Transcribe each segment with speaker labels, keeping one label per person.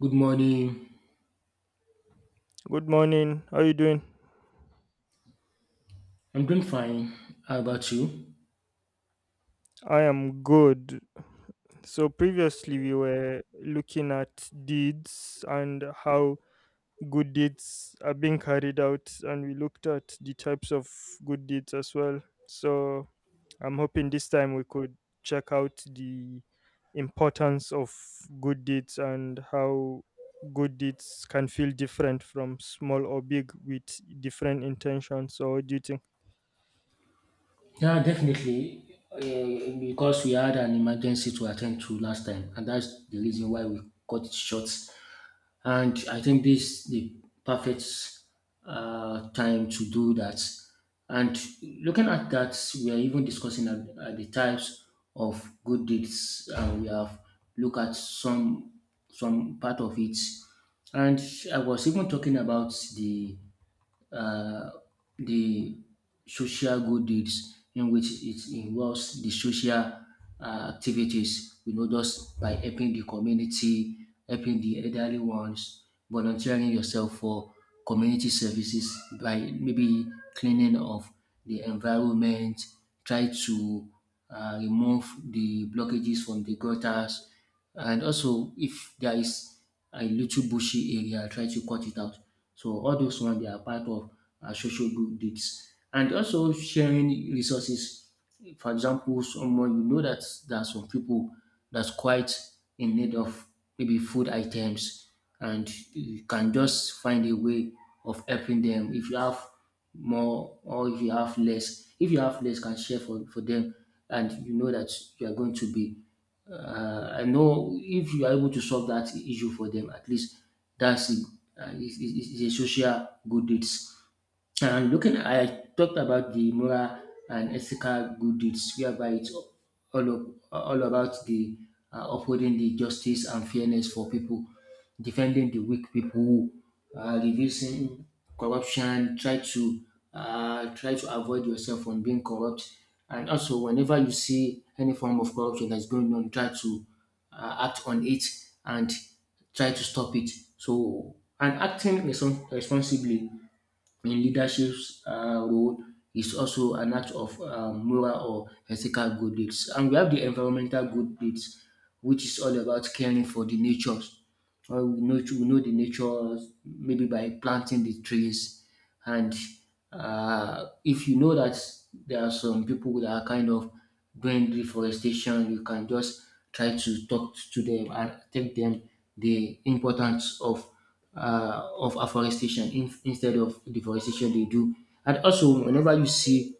Speaker 1: Good morning.
Speaker 2: Good morning. How are you doing?
Speaker 1: I'm doing fine. How about you?
Speaker 2: I am good. So previously we were looking at deeds and how good deeds are being carried out and we looked at the types of good deeds as well. So I'm hoping this time we could check out the importance of good deeds and how good deeds can feel different from small or big with different intentions. So, what do you think?
Speaker 1: Yeah, definitely. Because we had an emergency to attend to last time, and that's the reason why we cut it short. And I think this the perfect time to do that. And looking at that, we are even discussing at the types of good deeds, and we have looked at some part of it. And I was even talking about uh, the social good deeds in which it involves the social activities, you know, just by helping the community, helping the elderly ones, volunteering yourself for community services by maybe cleaning of the environment, try to remove the blockages from the gutters, and also if there is a little bushy area, try to cut it out. So all those ones they are part of social good deeds, and also sharing resources. For example, someone you know that there are some people that's quite in need of maybe food items and you can just find a way of helping them if you have more or if you have less, if you have less can share for them, and you know that you are going to be I know if you are able to solve that issue for them. At least that's a, is a social good deeds. And looking, I talked about the moral and ethical good deeds, whereby it's all about the upholding the justice and fairness for people, defending the weak people, reducing corruption, try to avoid yourself from being corrupt, and also whenever you see any form of corruption that's going on, try to act on it and try to stop it. So, and acting responsibly in leadership's role is also an act of moral or ethical good deeds. And we have the environmental good deeds, which is all about caring for the natures. Well, we know the nature, maybe by planting the trees, and if you know that there are some people that are kind of doing deforestation, you can just try to talk to them and tell them the importance of of afforestation, instead of deforestation they do. And also, whenever you see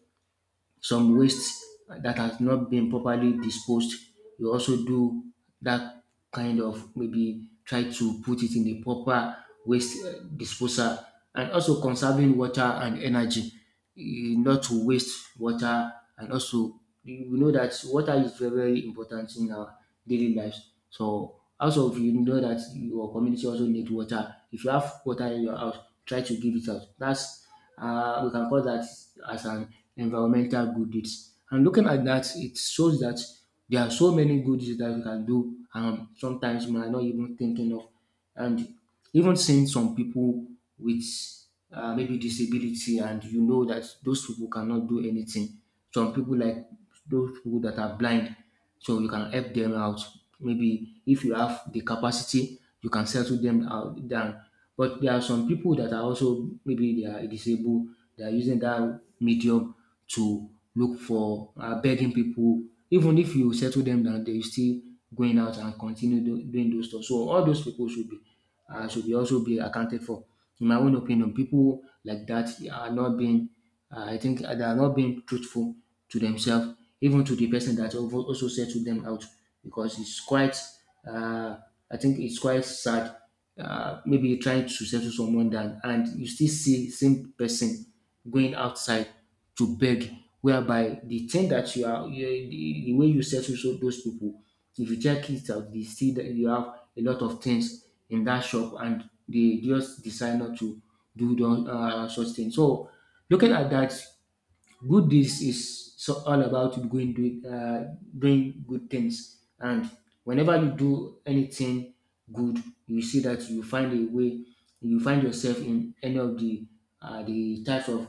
Speaker 1: some waste that has not been properly disposed, you also do that, kind of maybe try to put it in the proper waste disposal, and also conserving water and energy, eh, not to waste water. And also we know that water is very very important in our daily lives. So also if you know that your community also need water, if you have water in your house, try to give it out. That's we can call that as an environmental good deeds. And looking at that, it shows that there are so many good deeds that we can do, sometimes we are not even thinking of. And even seeing some people with maybe disability, and you know that those people cannot do anything. Some people like those people that are blind, so you can help them out. Maybe if you have the capacity, you can settle them out down. But there are some people that are also maybe they are disabled, they are using that medium to look for begging people. Even if you settle them down, they still going out and continue doing those stuff. So all those people should be should be also be accounted for. In my own opinion, people like that are not being I think they are not being truthful to themselves, even to the person that also settled them out, because it's quite, uh, I think it's quite sad. Maybe trying to settle someone down and you still see same person going outside to beg, whereby the thing that you are the way you settle so those people, if you check it out they see that you have a lot of things in that shop and they just decide not to do such things. So looking at that, good deeds is so all about going doing good things, and whenever you do anything good, you see that you find a way. You find yourself in any of the types of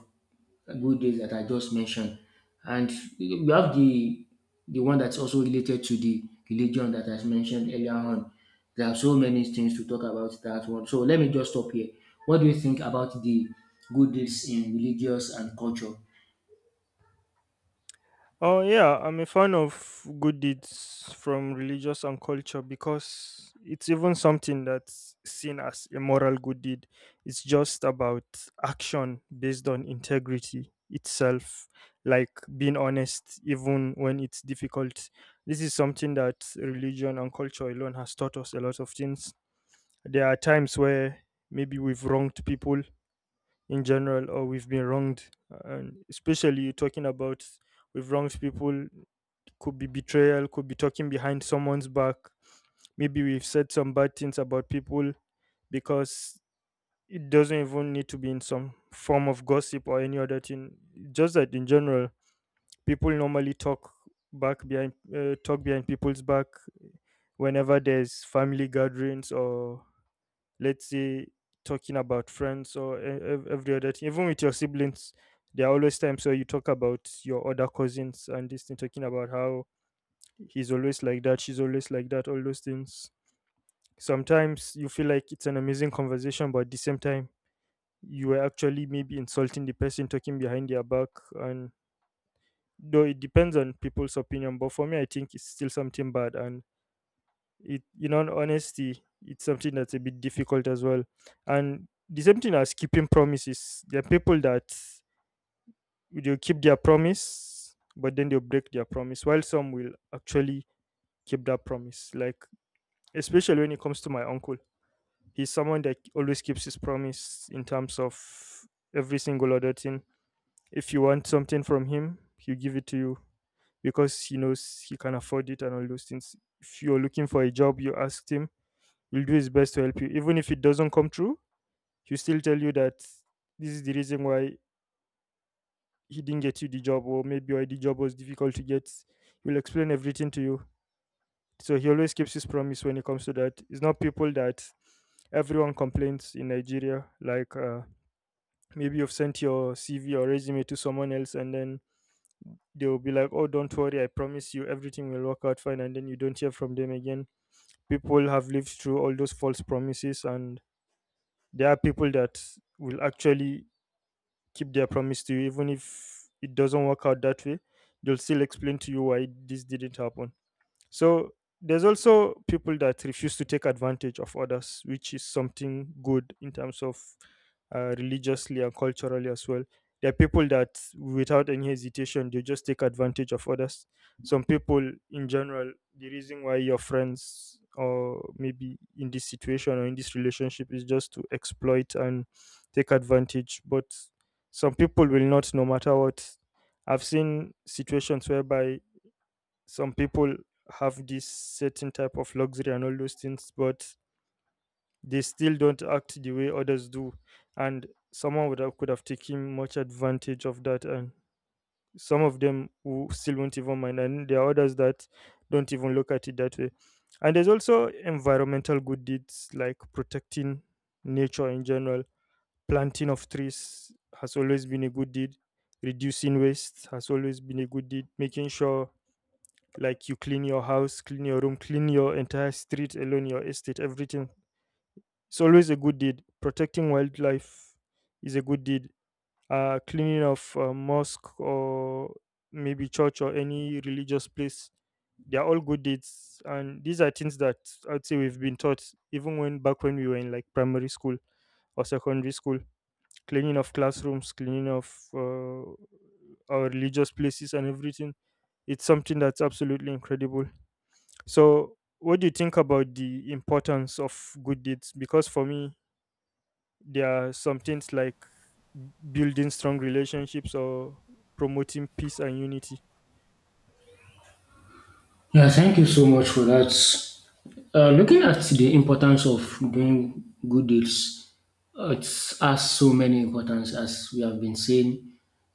Speaker 1: good deeds that I just mentioned, and we have the one that's also related to the religion that I mentioned earlier on. There are so many things to talk about that one. So let me just stop here. What do you think about the good deeds in religious and culture?
Speaker 2: Oh yeah, I'm a fan of good deeds from religious and culture because it's even something that's seen as a moral good deed. It's just about action based on integrity itself, like being honest even when it's difficult. This is something that religion and culture alone has taught us a lot of things. There are times where maybe we've wronged people in general or we've been wronged and especially talking about we've wronged people could be betrayal, could be talking behind someone's back. Maybe we've said some bad things about people because it doesn't even need to be in some form of gossip or any other thing. Just that in general, people normally talk behind people's back whenever there's family gatherings or let's say talking about friends or every other thing. Even with your siblings, there are always times where you talk about your other cousins and this thing, talking about how he's always like that, she's always like that, all those things. Sometimes you feel like it's an amazing conversation, but at the same time, you were actually maybe insulting the person talking behind their back. And though it depends on people's opinion, but for me, I think it's still something bad. And it, in all honesty, it's something that's a bit difficult as well. And the same thing as keeping promises. There are people that they'll keep their promise, but then they'll break their promise, while some will actually keep that promise. Like, especially when it comes to my uncle. He's someone that always keeps his promise in terms of every single other thing. If you want something from him, he'll give it to you because he knows he can afford it and all those things. If you're looking for a job, you asked him, he'll do his best to help you. Even if it doesn't come true, he'll still tell you that this is the reason why he didn't get you the job, or maybe why the job was difficult to get. He'll explain everything to you. So he always keeps his promise when it comes to that. It's not people that everyone complains in Nigeria. Maybe you've sent your CV or resume to someone else, and then they'll be like, "Oh, don't worry, I promise you, everything will work out fine." And then you don't hear from them again. People have lived through all those false promises, and there are people that will actually keep their promise to you, even if it doesn't work out that way. They'll still explain to you why this didn't happen. So there's also people that refuse to take advantage of others, which is something good in terms of religiously and culturally as well. There are people that, without any hesitation, they just take advantage of others. Some people, in general, the reason why your friends or maybe in this situation or in this relationship is just to exploit and take advantage. But some people will not, no matter what. I've seen situations whereby some people have this certain type of luxury and all those things, but they still don't act the way others do. And someone would have, could have taken much advantage of that. And some of them who still won't even mind. And there are others that don't even look at it that way. And there's also environmental good deeds like protecting nature in general. Planting of trees has always been a good deed. Reducing waste has always been a good deed. Making sure like you clean your house, clean your room, clean your entire street alone, your estate, everything. It's always a good deed. Protecting wildlife is a good deed. Cleaning of a mosque or maybe church or any religious place, they are all good deeds. And these are things that I'd say we've been taught even when back when we were in like primary school or secondary school. Cleaning of classrooms, cleaning of our religious places and everything. It's something that's absolutely incredible. So, what do you think about the importance of good deeds? Because for me, there are some things like building strong relationships or promoting peace and unity.
Speaker 1: Yeah, thank you so much for that. Looking at the importance of doing good deeds, it has so many importance as we have been saying.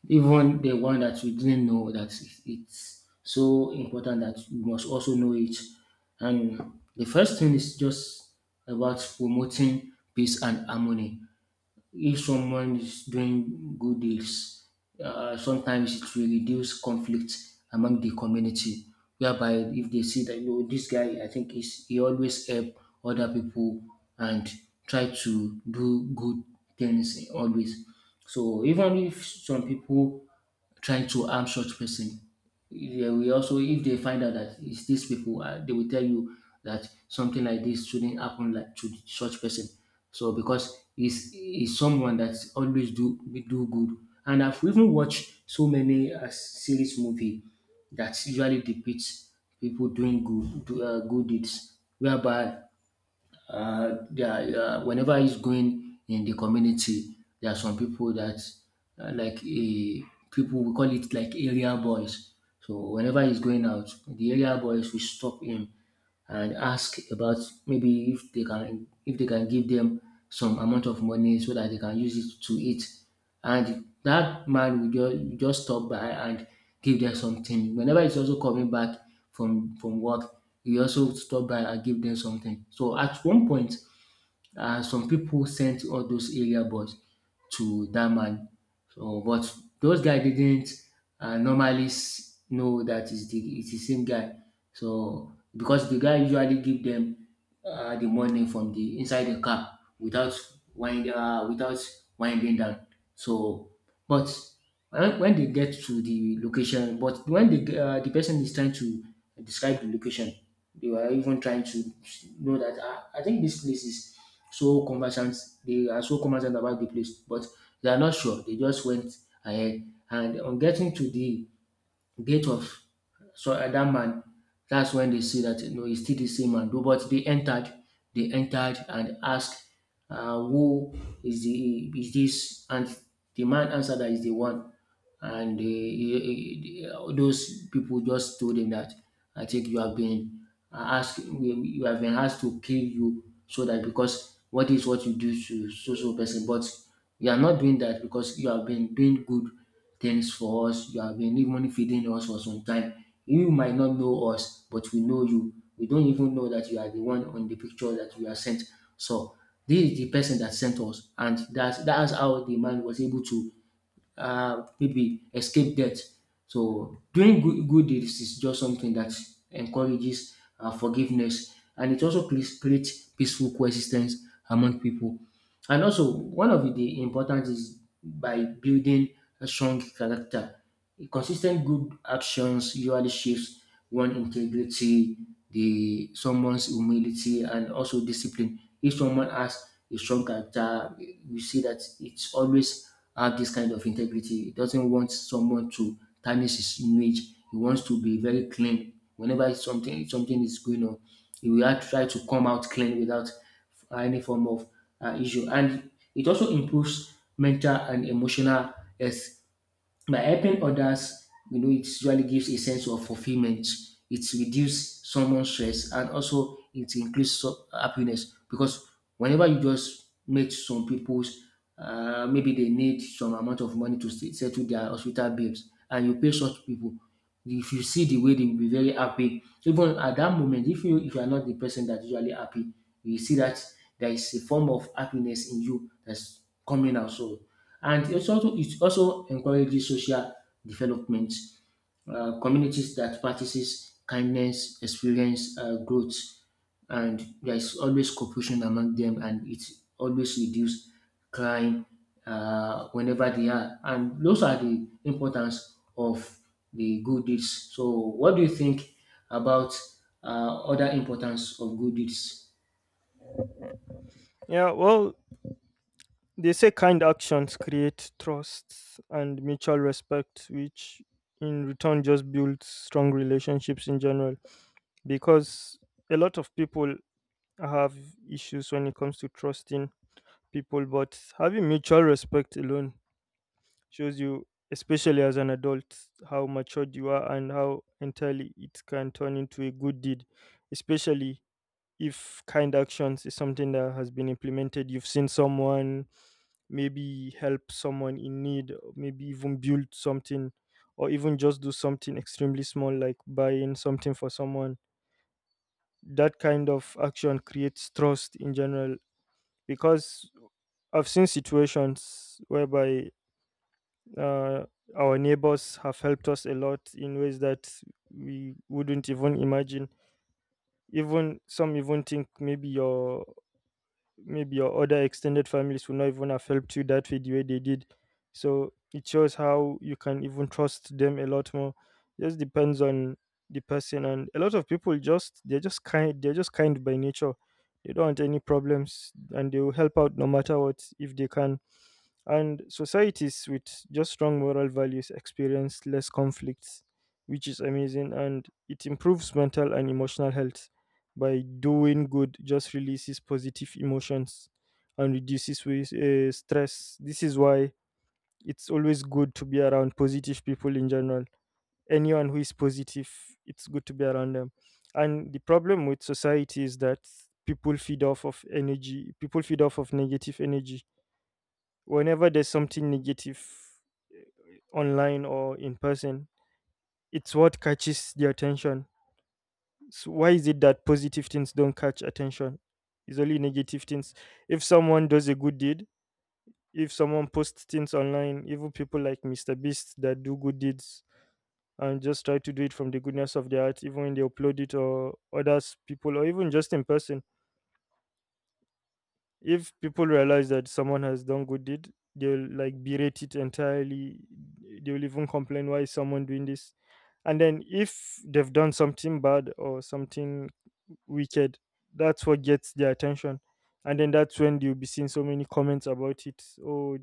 Speaker 1: Even the one that we didn't know that it's so important that we must also know it. And the first thing is just about promoting peace and harmony. If someone is doing good deeds, sometimes it will reduce conflict among the community. Whereby if they see that, you know, this guy, I think is he always help other people and try to do good things always. So even if some people trying to harm such person, they will also, if they find out that it's these people, they will tell you that something like this shouldn't happen like to such person. So because it's someone that always do good. And I've even watched so many series movie that usually depicts people doing good deeds, whereby whenever he's going in the community, there are some people that like a people we call it like area boys. So whenever he's going out, the area boys will stop him and ask about maybe if they can give them some amount of money so that they can use it to eat. And that man will just stop by and give them something. Whenever he's also coming back from work, he also stop by and give them something. So at one point, some people sent all those area boys to that man. So, but those guy didn't normally know that it's it's the same guy. So, because the guy usually give them the money from the inside the car without without winding down. So, but when they get to the location, but when the person is trying to describe the location, they were even trying to know that, ah, I think this place is so conversant. They are so conversant about the place, but they are not sure. They just went ahead, and on getting to the gate of that man, that's when they see that, you know, he's still the same man. Though, but they entered, and asked, "Who is the is this?" And the man answered that is the one. And he, those people just told him that, I think you have been asked to kill you so that, because what is what you do to so so person, but you are not doing that because you have been doing good things for us. You have been even feeding us for some time. You might not know us, but we know you. We don't even know that you are the one on the picture that we are sent. So this is the person that sent us. And that's how the man was able to maybe escape death. So doing good deeds is just something that encourages forgiveness, and it also creates peaceful coexistence among people. And also, one of the important is by building a strong character. Consistent good actions usually shapes one integrity, the someone's humility, and also discipline. If someone has a strong character, we see that it's always have this kind of integrity. He doesn't want someone to tarnish his image. He wants to be very clean. Whenever something is going on, he will try to come out clean without any form of issue. And it also improves mental and emotional health. By helping others, you know, it usually gives a sense of fulfillment. It reduces someone's stress and also it increases happiness, because whenever you just meet some people's, maybe they need some amount of money to settle their hospital bills, and you pay such people, if you see the way they will be very happy. Even at that moment, if you are not the person that usually happy, you see that there is a form of happiness in you that's coming out. So, and it also encourages social development. Communities that practices kindness experience growth, and there's always cooperation among them, and it always reduce crime whenever they are. And those are the importance of the good deeds. So, what do you think about other importance of good deeds?
Speaker 2: Yeah, well, they say kind actions create trust and mutual respect, which in return just builds strong relationships in general. Because a lot of people have issues when it comes to trusting people, but having mutual respect alone shows you, especially as an adult, how matured you are and how entirely it can turn into a good deed, especially if kind actions is something that has been implemented. You've seen someone maybe help someone in need, or maybe even build something, or even just do something extremely small like buying something for someone. That kind of action creates trust in general because I've seen situations whereby uh, our neighbors have helped us a lot in ways that we wouldn't even imagine. Even some even think maybe your other extended families would not even have helped you that way the way they did. So it shows how you can even trust them a lot more. Just depends on the person and a lot of people just they're just kind by nature. They don't want any problems and they will help out no matter what if they can. And societies with just strong moral values experience less conflicts, which is amazing. And it improves mental and emotional health by doing good, just releases positive emotions and reduces stress. This is why it's always good to be around positive people in general. Anyone who is positive, it's good to be around them. And the problem with society is that people feed off of energy, people feed off of negative energy whenever there's something negative online or in person, it's what catches the attention. So why is it that positive things don't catch attention? It's only negative things. If someone does a good deed, if someone posts things online, even people like Mr. Beast that do good deeds and just try to do it from the goodness of their heart, even when they upload it or others people or even just in person, if people realize that someone has done good deed, they'll like berate it entirely. They'll even complain why is someone doing this. And then if they've done something bad or something wicked, that's what gets their attention. And then that's when you'll be seeing so many comments about it. Oh,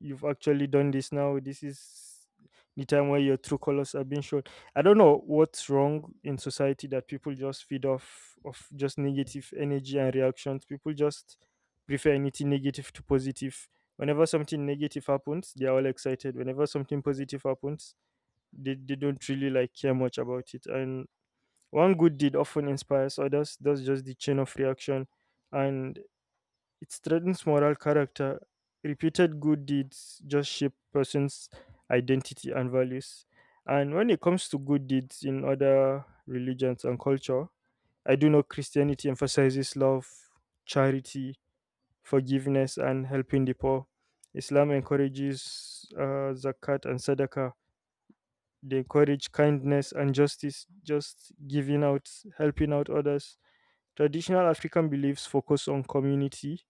Speaker 2: you've actually done this now. This is the time where your true colors are being shown. I don't know what's wrong in society that people just feed off of just negative energy and reactions. People just prefer anything negative to positive. Whenever something negative happens, they are all excited. Whenever something positive happens, they don't really like care much about it. And one good deed often inspires others. That's just the chain of reaction. And it strengthens moral character. Repeated good deeds just shape person's identity and values. And when it comes to good deeds in other religions and culture, I do know Christianity emphasizes love, charity, forgiveness, and helping the poor. Islam encourages zakat and sadaqah. They encourage kindness and justice, just giving out, helping out others. Traditional African beliefs focus on community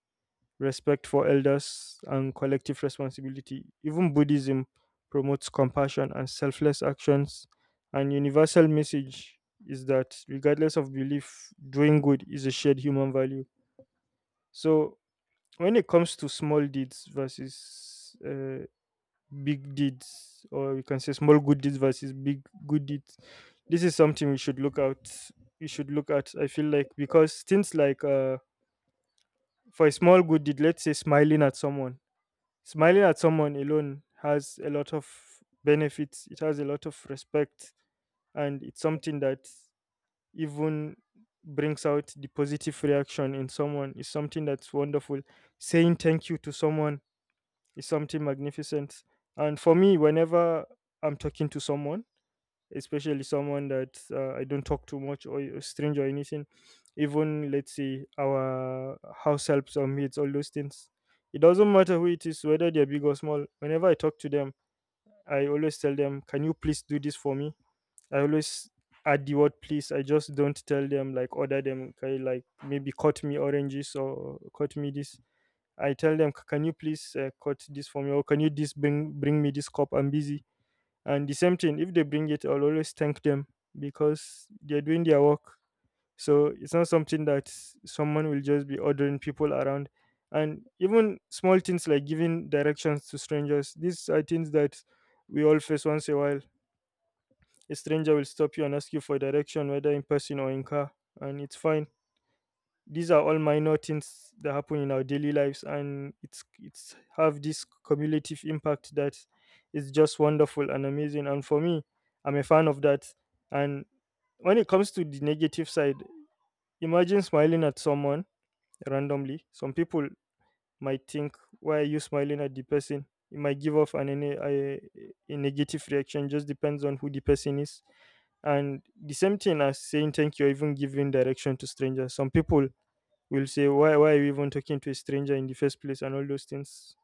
Speaker 2: respect for elders, and collective responsibility. Even Buddhism promotes compassion and selfless actions. And universal message is that regardless of belief, doing good is a shared human value. So when it comes to small deeds versus big deeds, or we can say small good deeds versus big good deeds, this is something we should look at. I feel like because things like for a small good deed, let's say smiling at someone alone has a lot of benefits, it has a lot of respect, and it's something that even brings out the positive reaction in someone. It's something that's wonderful. Saying thank you to someone is something magnificent. And for me, whenever I'm talking to someone, especially someone that I don't talk too much or a stranger or anything. Even let's say our house helps or mates, all those things. It doesn't matter who it is, whether they're big or small. Whenever I talk to them, I always tell them, "Can you please do this for me?" I always add the word please. I just don't tell them like order them. Okay, like maybe cut me oranges or cut me this. I tell them, "Can you please cut this for me?" or "Can you this bring me this cup? I'm busy." And the same thing, if they bring it, I'll always thank them because they're doing their work. So it's not something that someone will just be ordering people around. And even small things like giving directions to strangers, these are things that we all face once in a while. A stranger will stop you and ask you for direction, whether in person or in car, and it's fine. These are all minor things that happen in our daily lives, and it's have this cumulative impact that is just wonderful and amazing. And for me, I'm a fan of that. And when it comes to the negative side, imagine smiling at someone randomly. Some people might think, why are you smiling at the person? It might give off a negative reaction. Just depends on who the person is. And the same thing as saying thank you or even giving direction to strangers, some people will say, why are you even talking to a stranger in the first place, and all those things.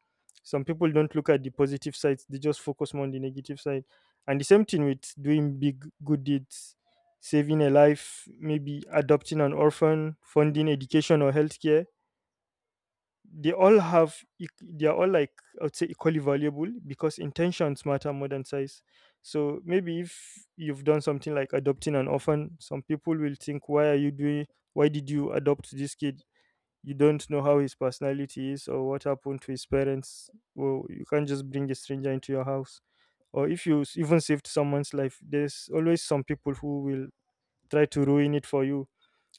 Speaker 2: Some people don't look at the positive sides; they just focus more on the negative side. And the same thing with doing big good deeds: saving a life, maybe adopting an orphan, funding education or healthcare. They are all, like, I would say equally valuable, because intentions matter more than size. So maybe if you've done something like adopting an orphan, some people will think, why did you adopt this kid? You don't know how his personality is or what happened to his parents. Well, you can't just bring a stranger into your house. Or if you even saved someone's life, there's always some people who will try to ruin it for you.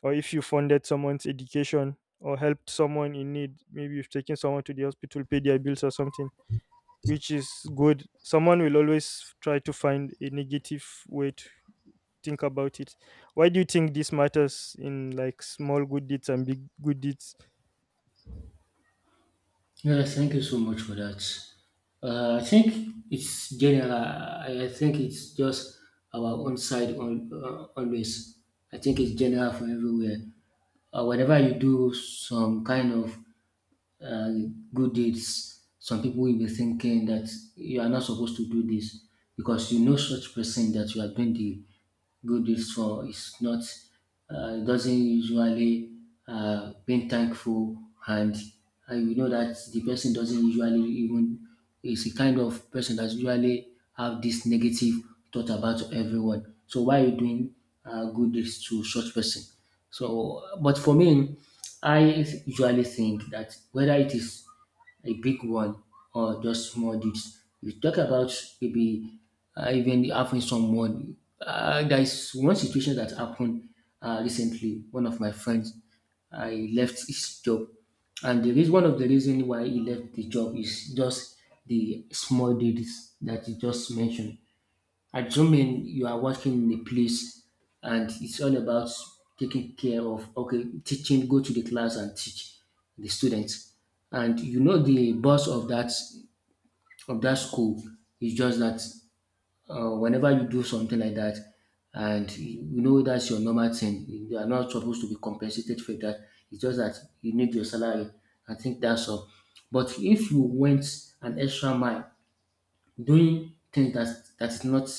Speaker 2: Or if you funded someone's education or helped someone in need, maybe you've taken someone to the hospital, paid their bills or something, which is good. Someone will always try to find a negative way. Think about it. Why do you think this matters in, like, small good deeds and big good deeds?
Speaker 1: Yeah, thank you so much for that. I think it's general. I think it's just our own side on always. I think it's general for everywhere. Whenever you do some kind of uh, good deeds. Some people will be thinking that you are not supposed to do this because you know such person that you are doing the good deeds for is not, it doesn't usually being thankful and you know that the person doesn't usually even is a kind of person that usually have this negative thought about everyone. So why are you doing good deeds to such person? So, but for me, I usually think that whether it is a big one or just small deeds. If you talk about maybe even having someone, there is one situation that happened recently. One of my friends he left his job. And the reason, one of the reasons why he left the job is just the small details that you just mentioned. Assuming you are working in a place and it's all about taking care of, okay, teaching, go to the class and teach the students. And you know the boss of that school is just that whenever you do something like that and you know that's your normal thing, you are not supposed to be compensated for that. It's just that you need your salary. I think that's all. But if you went an extra mile doing things that that's not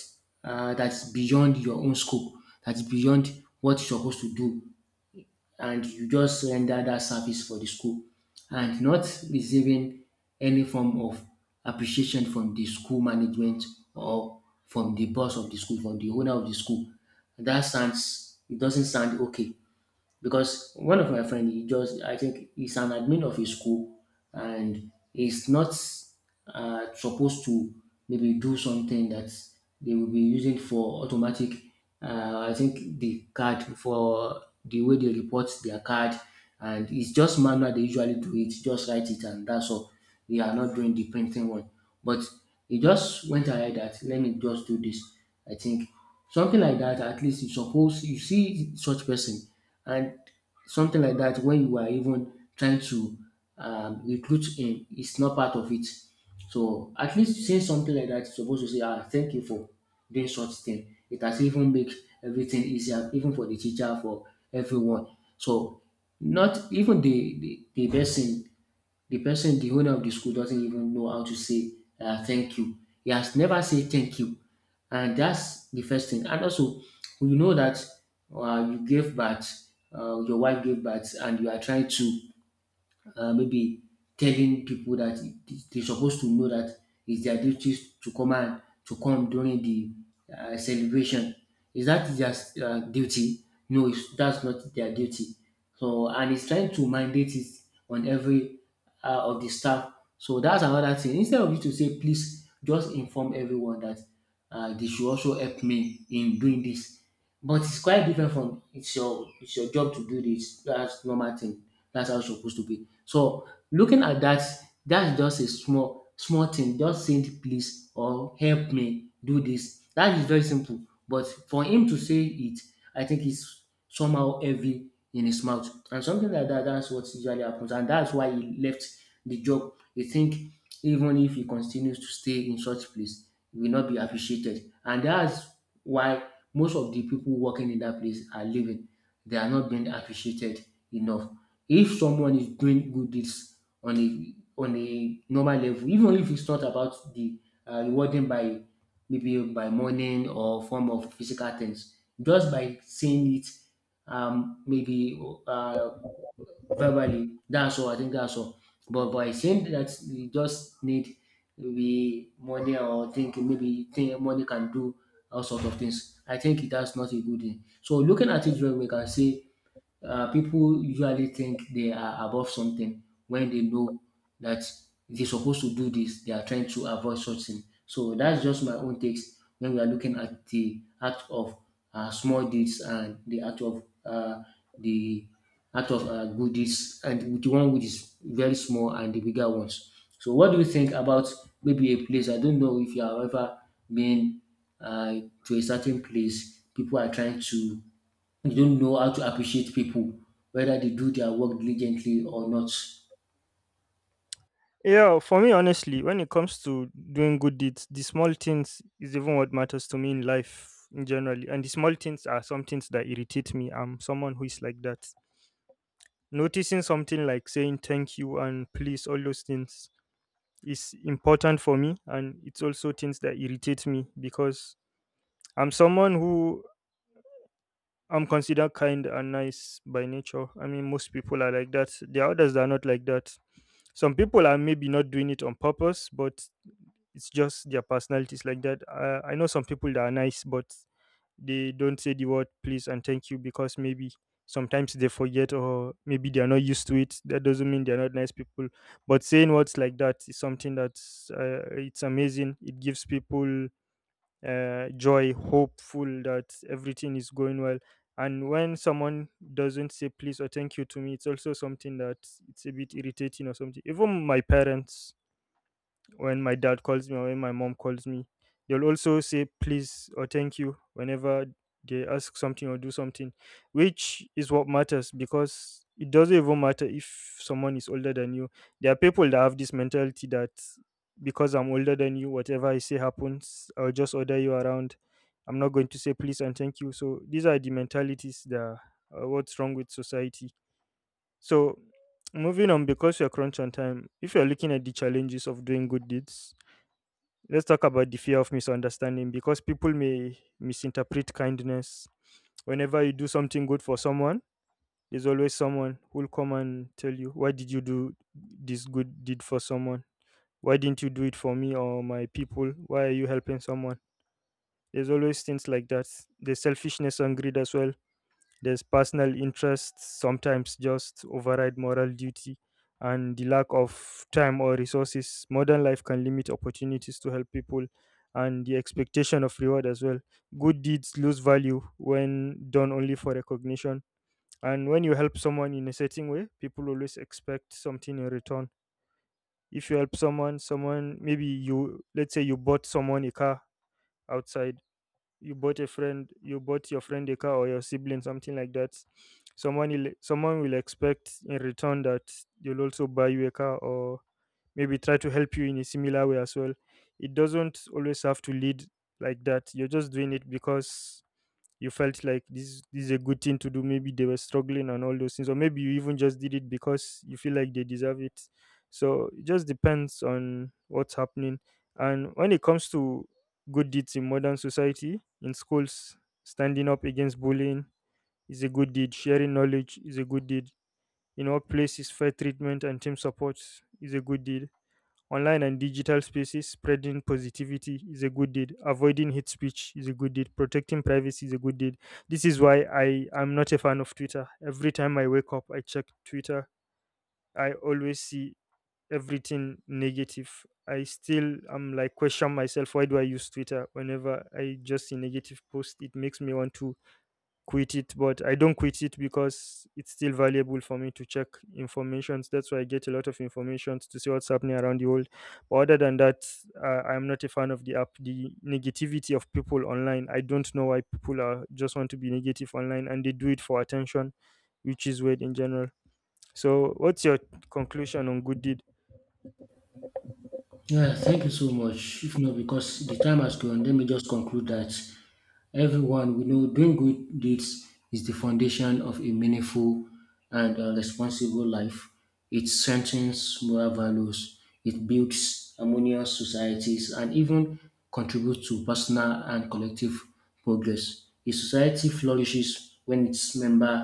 Speaker 1: that's beyond your own scope, that's beyond what you're supposed to do, and you just render that service for the school and not receiving any form of appreciation from the school management or from the boss of the school, from the owner of the school. It doesn't sound okay because one of my friend, he just, I think he's an admin of a school and he's not supposed to maybe do something that they will be using for automatic I think the card for the way they report their card, and it's just manual. They usually do it, just write it, and that's all. We are not doing the printing one. But he just went ahead that let me just do this. I think something like that, at least you suppose you see such person and something like that when you are even trying to recruit him, it's not part of it. So at least saying something like that, you're supposed to say, ah, thank you for doing such thing. It has even make everything easier, even for the teacher, for everyone. So not even the person, the owner of the school doesn't even know how to say thank you. He has never said thank you. And that's the first thing. And also, you know that you gave birth, your wife gave birth, and you are trying to maybe telling people that it- they're supposed to know that it's their duties to come and to come during the celebration. Is that their duty? No, it's, that's not their duty. So and it's trying to mandate it on every of the staff. So that's another thing. Instead of you to say please, just inform everyone that they should also help me in doing this. But it's quite different from it's your job to do this. That's normal thing. That's how it's supposed to be. So looking at that, that's just a small small thing, just saying “please” or “help me do this.” That is very simple, but for him to say it, I think it's somehow heavy in his mouth and something like that—that's what usually happens and that's why he left the job. He think even if he continues to stay in such place he will not be appreciated and that's why most of the people working in that place are leaving. They are not being appreciated enough. If someone is doing good deeds on a normal level, even if it's not about the rewarding by maybe by money or form of physical things, just by saying it, maybe uh, verbally, that's all. I think that's all. But by saying that you just need maybe money or think maybe think money can do all sort of things, I think that's not a good thing. So looking at it, well, we can say people usually think they are above something when they know that they're supposed to do this. They are trying to avoid such thing. So that's just my own takes when we are looking at the act of small deeds and the act of the good deeds and with the one which is very small and the bigger ones. So what do you think about maybe a place? I don't know if you have ever been to a certain place. People are trying to you don't know how to appreciate people, whether they do their work diligently or not.
Speaker 2: Yeah, for me, honestly, when it comes to doing good deeds, the small things is even what matters to me in life in generally. And the small things are some things that irritate me. I'm someone who is like that. Noticing something like saying thank you and please, all those things is important for me. And it's also things that irritate me, because I'm someone who I'm considered kind and nice by nature. I mean, most people are like that. There are others that are not like that. Some people are maybe not doing it on purpose, but it's just their personalities like that. I know some people that are nice, but they don't say the word please and thank you because maybe sometimes they forget or maybe they are not used to it. That doesn't mean they are not nice people. But saying words like that is something that's it's amazing. It gives people joy, hopeful that everything is going well. And when someone doesn't say please or thank you to me, it's also something that it's a bit irritating or something. Even my parents, when my dad calls me or when my mom calls me, they'll also say please or thank you whenever they ask something or do something, which is what matters, because it doesn't even matter if someone is older than you. There are people that have this mentality that, because I'm older than you, whatever I say happens, I'll just order you around. I'm not going to say please and thank you. So these are the mentalities that are what's wrong with society. So, moving on, because we are crunch on time, if you're looking at the challenges of doing good deeds, let's talk about the fear of misunderstanding, because people may misinterpret kindness. Whenever you do something good for someone, there's always someone who'll come and tell you, "Why did you do this good deed for someone? Why didn't you do it for me or my people? Why are you helping someone?" There's always things like that. There's selfishness and greed as well. There's personal interests sometimes just override moral duty, and the lack of time or resources. Modern life can limit opportunities to help people. And the expectation of reward as well. Good deeds lose value when done only for recognition. And when you help someone in a certain way, people always expect something in return. If you help someone, someone maybe you let's say you bought someone a car outside, you bought your friend a car, or your sibling something like that, someone will expect in return that they'll also buy you a car, or maybe try to help you in a similar way as well. It doesn't always have to lead like that. You're just doing it because you felt like this is a good thing to do. Maybe they were struggling and all those things, or maybe you even just did it because you feel like they deserve it. So it just depends on what's happening. And when it comes to good deeds in modern society: in schools, standing up against bullying is a good deed, sharing knowledge is a good deed. In workplaces, fair treatment and team support is a good deed. Online and digital spaces, spreading positivity is a good deed. Avoiding hate speech is a good deed. Protecting privacy is a good deed. This is why I am not a fan of Twitter. Every time I wake up, I check Twitter. I always see everything negative. I still am, like, question myself, why do I use Twitter? Whenever I just see negative posts, it makes me want to quit it, but I don't quit it because it's still valuable for me to check informations. That's why I get a lot of informations to see what's happening around the world. But other than that, I'm not a fan of the app, the negativity of people online. I don't know why people are just want to be negative online, and they do it for attention, which is weird in general. So what's your conclusion on good deed?
Speaker 1: Yeah, thank you so much. If not, because the time has gone, let me just conclude that everyone we know doing good deeds is the foundation of a meaningful and responsible life. It strengthens moral values, it builds harmonious societies, and even contributes to personal and collective progress. A society flourishes when its members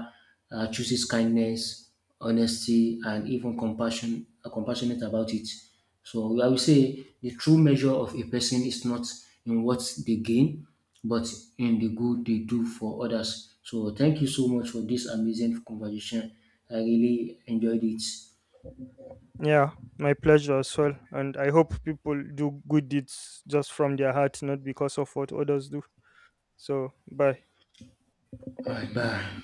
Speaker 1: chooses kindness, honesty, and even compassion, compassionate about it. So I would say the true measure of a person is not in what they gain, but in the good they do for others. So thank you so much for this amazing conversation. I really enjoyed it.
Speaker 2: Yeah, my pleasure as well, and I hope people do good deeds just from their heart, not because of what others do. So bye.
Speaker 1: All right, bye.